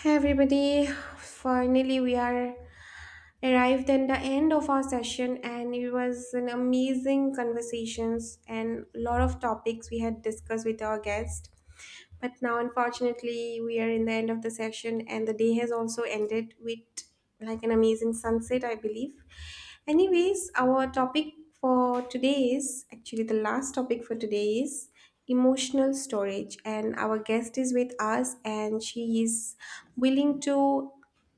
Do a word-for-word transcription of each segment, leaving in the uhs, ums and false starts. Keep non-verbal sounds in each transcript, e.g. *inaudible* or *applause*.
Hey everybody, finally we are arrived at the end of our session, and it was an amazing conversations and a lot of topics we had discussed with our guest. But now unfortunately we are in the end of the session, and the day has also ended with like an amazing sunset, I believe. Anyways, our topic for today is actually the last topic for today is emotional storage, and our guest is with us and she is willing to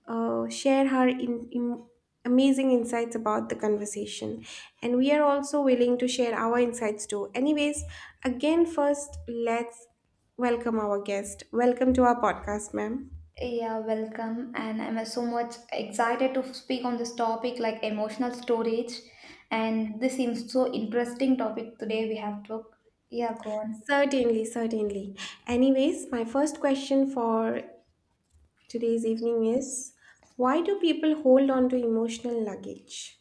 uh, share her in, in- amazing insights about the conversation. And we are also willing to share our insights too. Anyways, again, first, let's welcome our guest. Welcome to our podcast, ma'am. Yeah, welcome. And I'm so much excited to speak on this topic like emotional storage. And this seems so interesting topic today we have took. Yeah, go on. Certainly, certainly. Anyways, my first question for today's evening is, why do people hold on to emotional luggage?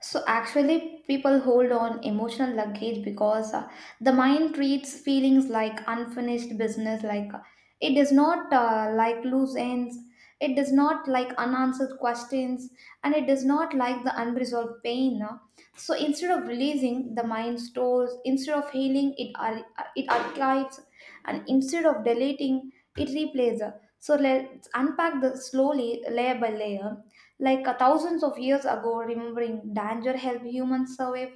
So actually, people hold on emotional luggage because uh, the mind treats feelings like unfinished business. Like uh, it does not uh, like loose ends. It does not like unanswered questions, and it does not like the unresolved pain. No? So instead of releasing, the mind stores. Instead of healing, it ar- it archives, and instead of deleting, it replays. So let's unpack the slowly layer by layer like uh, thousands of years ago, remembering danger helped humans survive,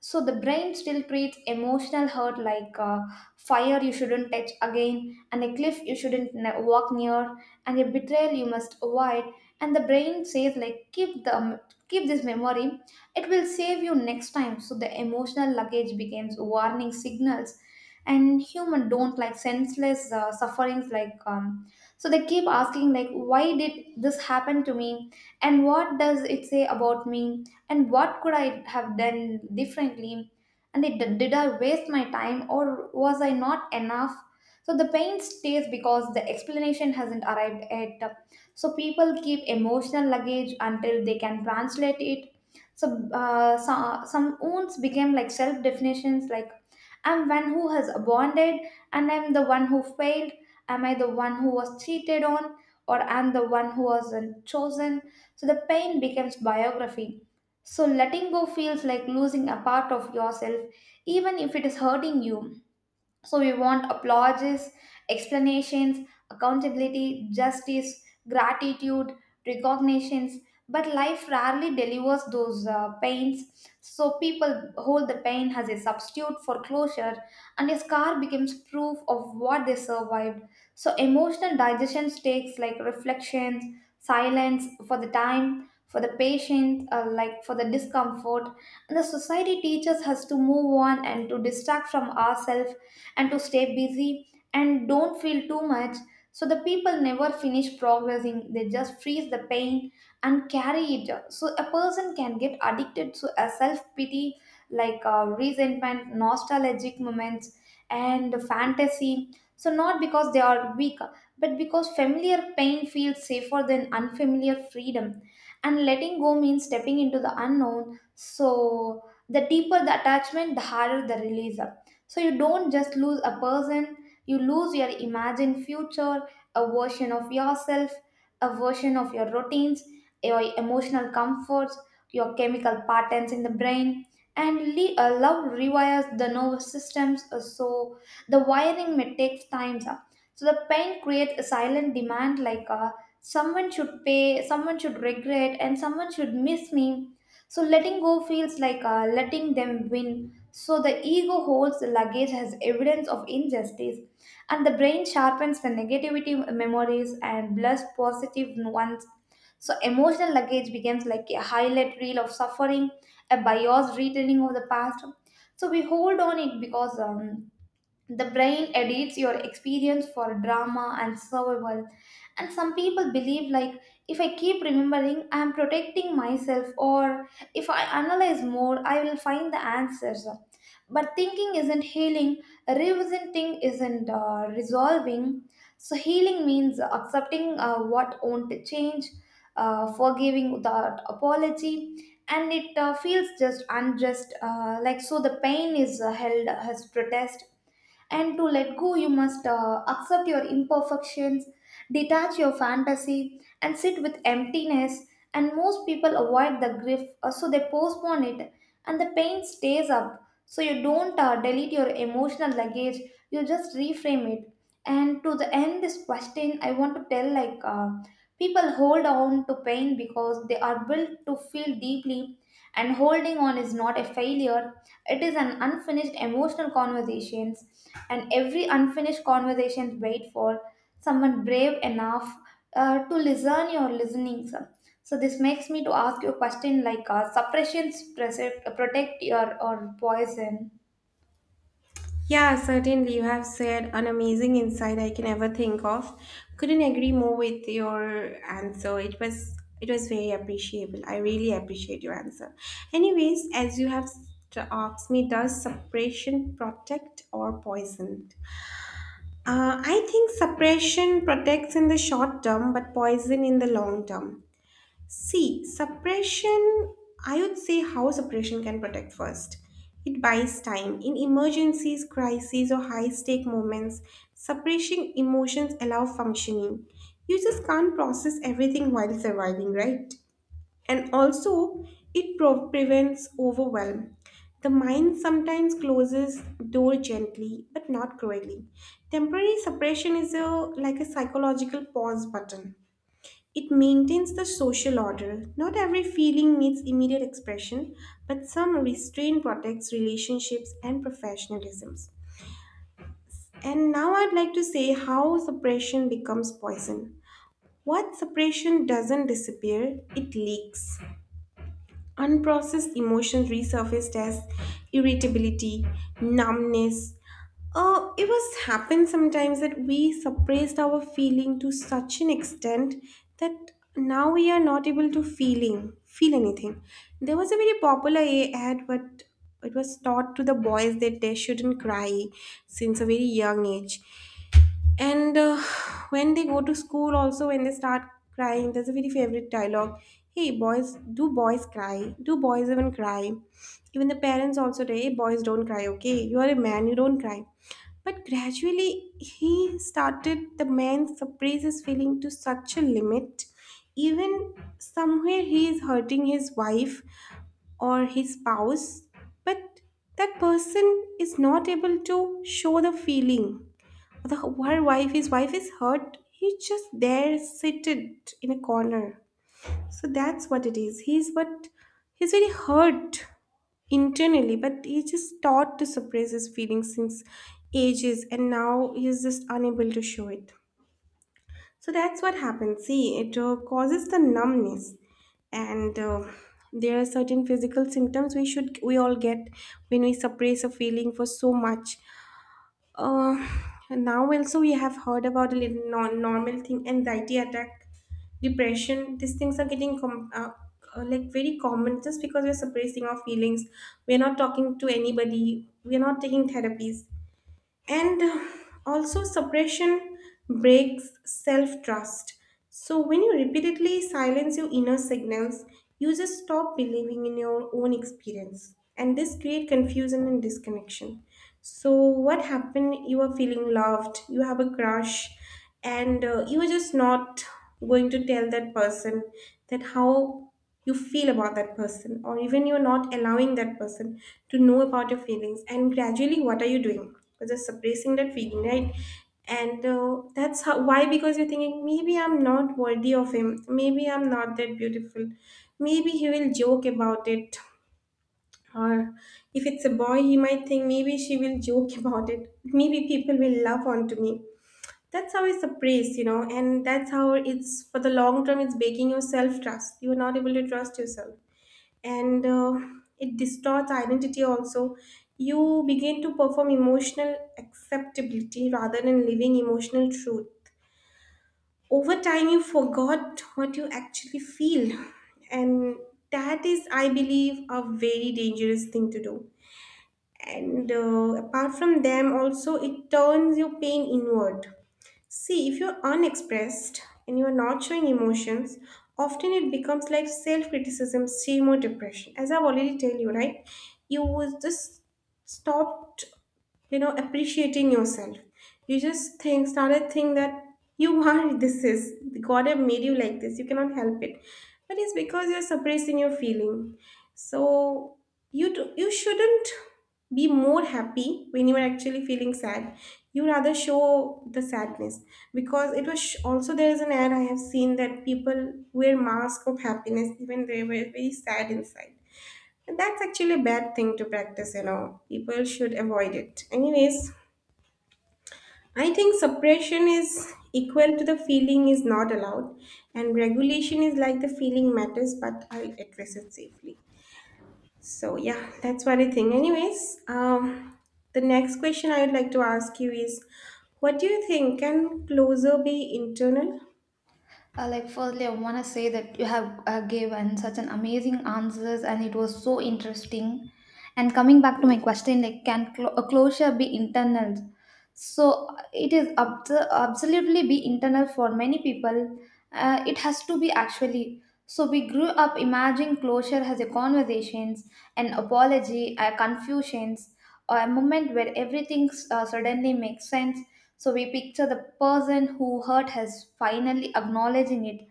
so the brain still treats emotional hurt like uh, fire you shouldn't touch again and a cliff you shouldn't ne- walk near and a betrayal you must avoid. And the brain says like keep the um, keep this memory, it will save you next time. So the emotional luggage becomes warning signals, and human don't like senseless uh, sufferings. Like um, so they keep asking like why did this happen to me and what does it say about me and what could I have done differently? And it, did did I waste my time or was I not enough? So the pain stays because the explanation hasn't arrived yet. So people keep emotional luggage until they can translate it. So, uh, so some wounds became like self definitions like I'm one who has bonded and I'm the one who failed. Am I the one who was cheated on? Or I'm the one who wasn't chosen? So the pain becomes biography, so letting go feels like losing a part of yourself, even if it is hurting you. So we want applauses, explanations, accountability, justice, gratitude, recognitions. But life rarely delivers those uh, pains. So people hold the pain as a substitute for closure, and a scar becomes proof of what they survived. So emotional digestion takes like reflections, silence for the time, for the patient, uh, like for the discomfort. And the society teaches us to move on and to distract from ourselves and to stay busy and don't feel too much. So the people never finish progressing, they just freeze the pain and carry it. So a person can get addicted to a self pity like uh, resentment, nostalgic moments, and fantasy. So not because they are weak, but because familiar pain feels safer than unfamiliar freedom. And letting go means stepping into the unknown. So the deeper the attachment, the harder the release. So you don't just lose a person, you lose your imagined future, a version of yourself, a version of your routines, your emotional comforts, your chemical patterns in the brain. And le- uh, love rewires the nervous systems, uh, so the wiring may take time. uh. So the pain creates a silent demand like uh, someone should pay, someone should regret, and someone should miss me, so letting go feels like uh, letting them win. So the ego holds the luggage as evidence of injustice, and the brain sharpens the negativity memories and blurs positive ones. So emotional luggage becomes like a highlight reel of suffering, a biased retelling of the past. So we hold on it because um, the brain edits your experience for drama and survival. And some people believe like if I keep remembering, I am protecting myself, or if I analyze more, I will find the answers. But thinking isn't healing, revisiting isn't uh, resolving. So healing means accepting uh, what won't change, uh, forgiving without apology, and it uh, feels just unjust. Uh, like so, the pain is uh, held as protest, and to let go, you must uh, accept your imperfections, detach your fantasy, and sit with emptiness. And most people avoid the grief, uh, so they postpone it, and the pain stays up. So you don't uh, delete your emotional luggage, you just reframe it. And to the end, this question I want to tell like uh, people hold on to pain because they are built to feel deeply, and holding on is not a failure, it is an unfinished emotional conversations, and every unfinished conversation wait for someone brave enough uh, to listen your listening sir. So this makes me to ask you a question like uh, suppressions prese- protect your or poison. Yeah, certainly. You have said an amazing insight I can ever think of. Couldn't agree more with your answer. It was it was very appreciable. I really appreciate your answer. Anyways, as you have st- asked me, does suppression protect or poison? Uh, I think suppression protects in the short term, but poison in the long term. See, suppression, I would say how suppression can protect first. It buys time. In emergencies, crises, or high stake moments, suppressing emotions allow functioning. You just can't process everything while surviving, right? And also, it pro- prevents overwhelm. The mind sometimes closes door gently, but not cruelly. Temporary suppression is a, like a psychological pause button. It maintains the social order. Not every feeling needs immediate expression, but some restraint protects relationships and professionalisms. And now I'd like to say how suppression becomes poison. What suppression doesn't disappear, it leaks. Unprocessed emotions resurfaced as irritability, numbness. Uh, it was happened sometimes that we suppressed our feeling to such an extent that now we are not able to feeling feel anything. There was a very popular a- ad, but it was taught to the boys that they shouldn't cry since a very young age. And uh, when they go to school, also when they start crying, there's a very favorite dialogue. Hey, boys, do boys cry? Do boys even cry? Even the parents also say, hey, boys don't cry, okay? You are a man, you don't cry. But gradually, he started, the man suppress his feeling to such a limit. Even somewhere he is hurting his wife or his spouse, but that person is not able to show the feeling. The, her wife, his wife is hurt. He's just there, seated in a corner. So that's what it is. He's what, he's very hurt internally, but he's just taught to suppress his feelings since ages, and now he's just unable to show it. So that's what happens. See, it uh, causes the numbness, and uh, there are certain physical symptoms we should we all get when we suppress a feeling for so much. Uh, now also we have heard about a little non- normal thing, anxiety attack, depression. These things are getting com- uh, uh, like very common just because we're suppressing our feelings. We're not talking to anybody. We're not taking therapies, and uh, also suppression breaks self trust. So when you repeatedly silence your inner signals, you just stop believing in your own experience, and this create confusion and disconnection. So what happened, you are feeling loved, you have a crush, and uh, you are just not going to tell that person that how you feel about that person, or even you're not allowing that person to know about your feelings. And gradually, what are you doing? You're just suppressing that feeling, right? And uh, that's how, why, because you're thinking maybe I'm not worthy of him, maybe I'm not that beautiful, maybe he will joke about it. Or if it's a boy, he might think maybe she will joke *laughs* about it, maybe people will laugh onto me. That's how it's suppressed, you know, and that's how it's for the long term. It's breaking your self trust. You're not able to trust yourself. And uh, it distorts identity also. You begin to perform emotional acceptability rather than living emotional truth. Over time, you forgot what you actually feel, and that is, I believe, a very dangerous thing to do. And uh, apart from them, also, it turns your pain inward. See, if you're unexpressed and you're not showing emotions, often it becomes like self criticism, shame, or depression. As I've already told you, right? You was just stopped, you know, appreciating yourself. You just think, started thinking that you are *laughs* this is God have made you like this. You cannot help it, but it's because you're suppressing your feeling. So you do, you shouldn't be more happy when you are actually feeling sad. You rather show the sadness, because it was sh- also there is an ad I have seen that people wear mask of happiness even they were very sad inside, and that's actually a bad thing to practice, you know. People should avoid it. Anyways, I think suppression is equal to the feeling is not allowed, and regulation is like the feeling matters but I'll address it safely. So yeah, that's what I think. Anyways, um, the next question I would like to ask you is, what do you think? Can closer be internal? Uh, like firstly, I want to say that you have uh, given such an amazing answers, and it was so interesting. And coming back to my question, like can clo- a closure be internal? So uh, it is ab absolutely be internal for many people. Uh, it has to be actually. So we grew up imagining closure as a conversations, an apology, a confusions, or a moment where everything uh, suddenly makes sense, so we picture the person who hurt has finally acknowledging it,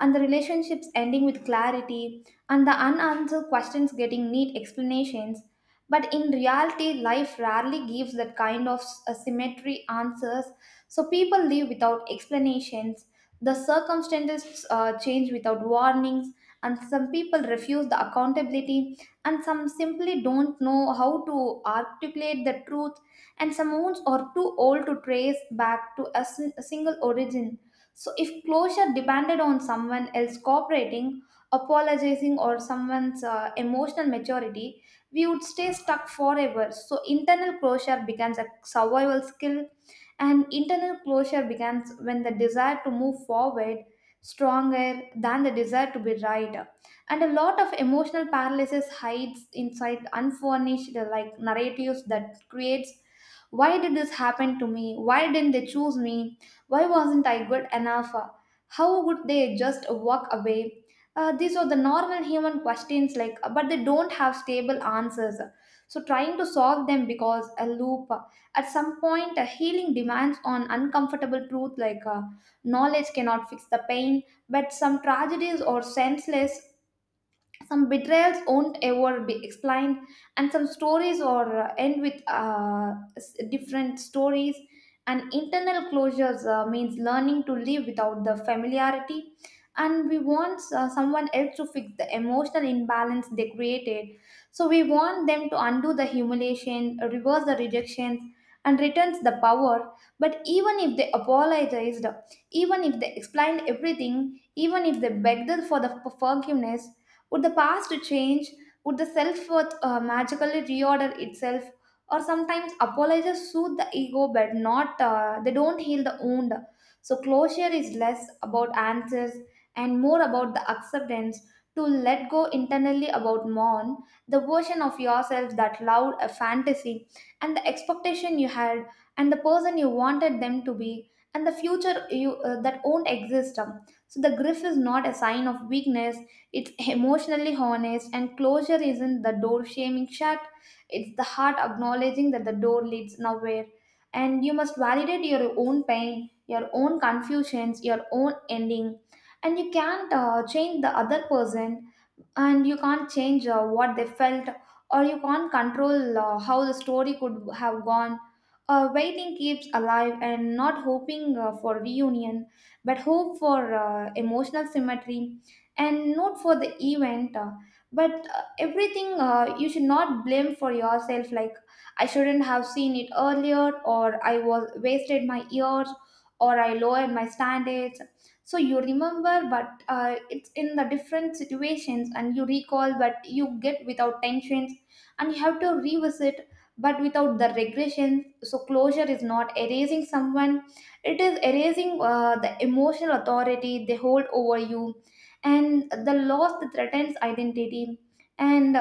and the relationships ending with clarity, and the unanswered questions getting neat explanations. But in reality, life rarely gives that kind of s- uh, symmetry answers, so people live without explanations. The circumstances uh, change without warnings, and some people refuse the accountability, and some simply don't know how to articulate the truth, and some wounds are too old to trace back to a, sin- a single origin. So, if closure depended on someone else cooperating, apologizing, or someone's uh, emotional maturity, we would stay stuck forever. So, internal closure becomes a survival skill, and internal closure begins when the desire to move forward stronger than the desire to be right, and a lot of emotional paralysis hides inside unfurnished like narratives that creates why did this happen to me? Why didn't they choose me? Why wasn't I good enough? How would they just walk away? Uh, these are the normal human questions, like, but they don't have stable answers. So, trying to solve them because a loop. At some point, a healing demands on uncomfortable truth, like uh, knowledge cannot fix the pain, but some tragedies are senseless, some betrayals won't ever be explained, and some stories or uh, end with uh, s- different stories, and internal closures uh, means learning to live without the familiarity. And we want uh, someone else to fix the emotional imbalance they created, so we want them to undo the humiliation, reverse the rejections, and returns the power. But even if they apologized, even if they explained everything, even if they begged for the forgiveness, would the past change? Would the self worth uh, magically reorder itself? Or sometimes apologies soothe the ego, but not uh, they don't heal the wound. So closure is less about answers and more about the acceptance, to let go internally, about mourn the version of yourself that loved a fantasy, and the expectation you had, and the person you wanted them to be, and the future you uh, that won't exist. So the grief is not a sign of weakness, it's emotionally honest, and closure isn't the door shaming shut, it's the heart acknowledging that the door leads nowhere. And you must validate your own pain, your own confusions, your own ending, and you can't uh, change the other person, and you can't change uh, what they felt, or you can't control uh, how the story could have gone. Uh, waiting keeps alive and not hoping uh, for reunion, but hope for uh, emotional symmetry, and not for the event uh, but uh, everything uh, you should not blame for yourself like I shouldn't have seen it earlier, or I was wasted my years, or I lowered my standards. So you remember but uh, it's in the different situations, and you recall but you get without tensions, and you have to revisit but without the regression. So closure is not erasing someone, it is erasing uh, the emotional authority they hold over you, and the loss that threatens identity. And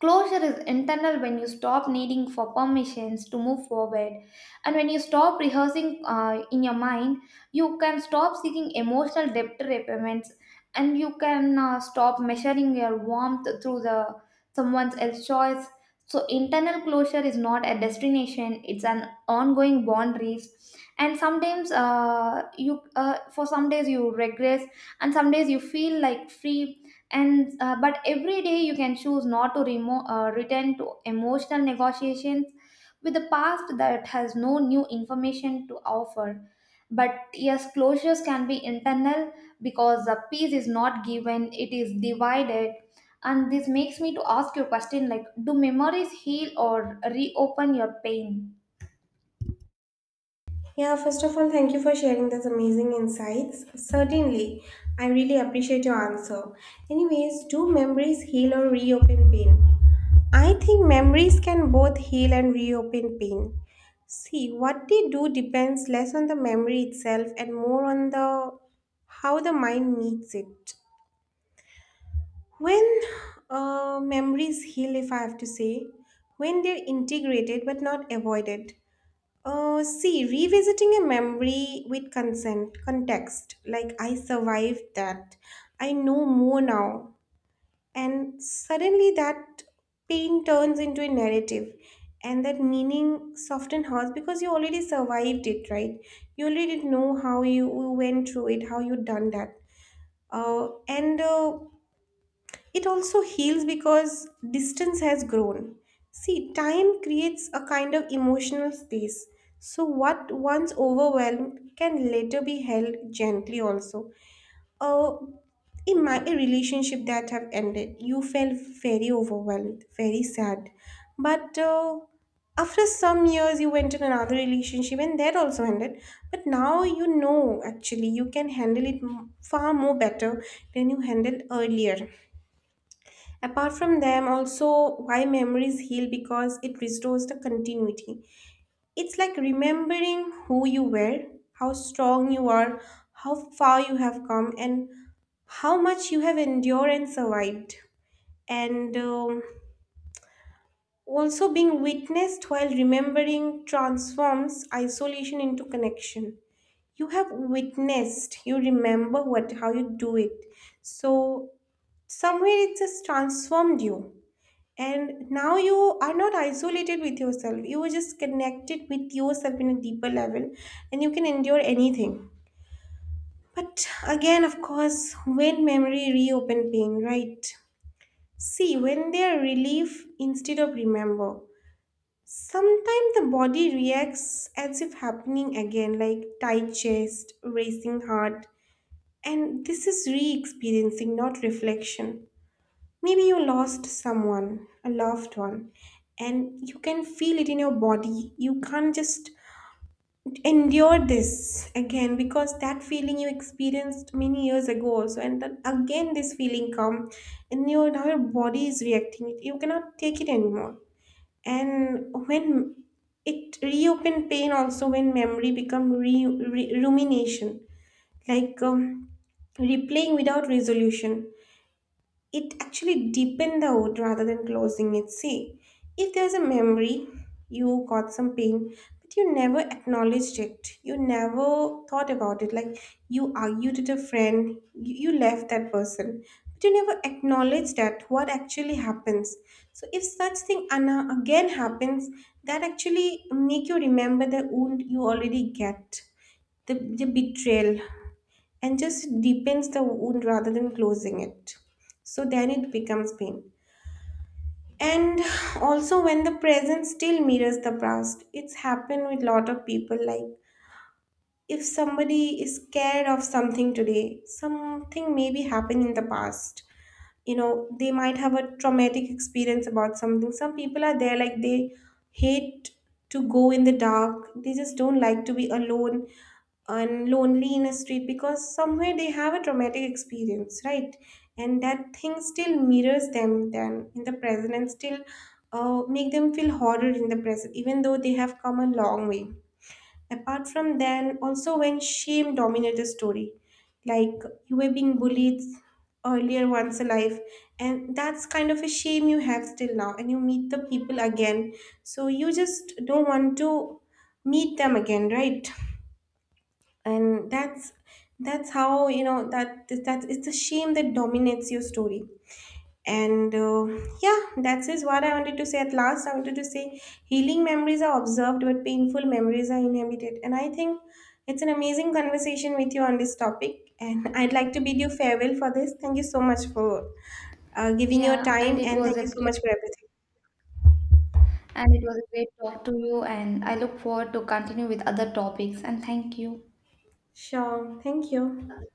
closure is internal when you stop needing for permissions to move forward. And when you stop rehearsing uh, in your mind, you can stop seeking emotional debt repayments, and you can uh, stop measuring your warmth through the someone else's choice. So internal closure is not a destination; it's an ongoing boundaries. And sometimes uh, you, uh, for some days you regress, and some days you feel like free, and uh, but every day you can choose not to remo- uh, return to emotional negotiations with the past that has no new information to offer. But yes, closures can be internal, because the peace is not given, it is divided. And this makes me to ask you a question like do memories heal or reopen your pain? Yeah, first of all, thank you for sharing those amazing insights. Certainly, I really appreciate your answer. Anyways, do memories heal or reopen pain? I think memories can both heal and reopen pain. See, what they do depends less on the memory itself and more on the how the mind meets it. When uh, memories heal, if I have to say, when they're integrated but not avoided. Uh, see, revisiting a memory with consent, context, like I survived that, I know more now, and suddenly that pain turns into a narrative, and that meaning soften hurts because you already survived it, right? You already know how you went through it, how you done that. Uh, and uh, it also heals because distance has grown. See, time creates a kind of emotional space. So, what once overwhelmed can later be held gently also. Uh, in my a relationship that have ended, you felt very overwhelmed, very sad. But uh, after some years, you went in another relationship and that also ended. But now you know actually you can handle it m- far more better than you handled earlier. Apart from them, also why memories heal because it restores the continuity. It's like remembering who you were, how strong you are, how far you have come, and how much you have endured and survived. And um, also being witnessed while remembering transforms isolation into connection. You have witnessed, you remember what, how you do it. So somewhere it just transformed you, and now you are not isolated with yourself. You are just connected with yourself in a deeper level, and you can endure anything. But again, of course, when memory reopen pain, right? See, when they are relief instead of remember, sometimes the body reacts as if happening again, like tight chest, racing heart. And this is re experiencing, not reflection. Maybe you lost someone, a loved one, and you can feel it in your body. You can't just endure this again, because that feeling you experienced many years ago also, and then again this feeling come, and your now your body is reacting, you cannot take it anymore. And when it reopen pain also, when memory become re, re- rumination, like um, replaying without resolution, it actually deepened the wound rather than closing it. See, if there's a memory, you got some pain, but you never acknowledged it. You never thought about it. Like you argued with a friend, you, you left that person, but you never acknowledged that what actually happens. So if such thing Anna again happens, that actually make you remember the wound you already get, the, the betrayal, and just deepens the wound rather than closing it. So then it becomes pain. And also when the present still mirrors the past, it's happened with lot of people. Like if somebody is scared of something today, something may be happened in the past. You know, they might have a traumatic experience about something. Some people are there like they hate to go in the dark. They just don't like to be alone and lonely in a street, because somewhere they have a traumatic experience, right? And that thing still mirrors them then in the present, and still uh, make them feel horror in the present, even though they have come a long way. Apart from then, also when shame dominates the story, like you were being bullied earlier once alive, and that's kind of a shame you have still now, and you meet the people again, so you just don't want to meet them again, right? And that's that's how you know that that it's the shame that dominates your story. And uh, yeah, that's what I wanted to say. At last, I wanted to say healing memories are observed but painful memories are inhabited, and I think it's an amazing conversation with you on this topic, and *laughs* I'd like to bid you farewell for this. Thank you so much for uh, giving your Yeah, and time, it and was thank a you so great much for everything. and it was a great talk to you, and I look forward to continue with other topics, and thank you. Sure, thank you.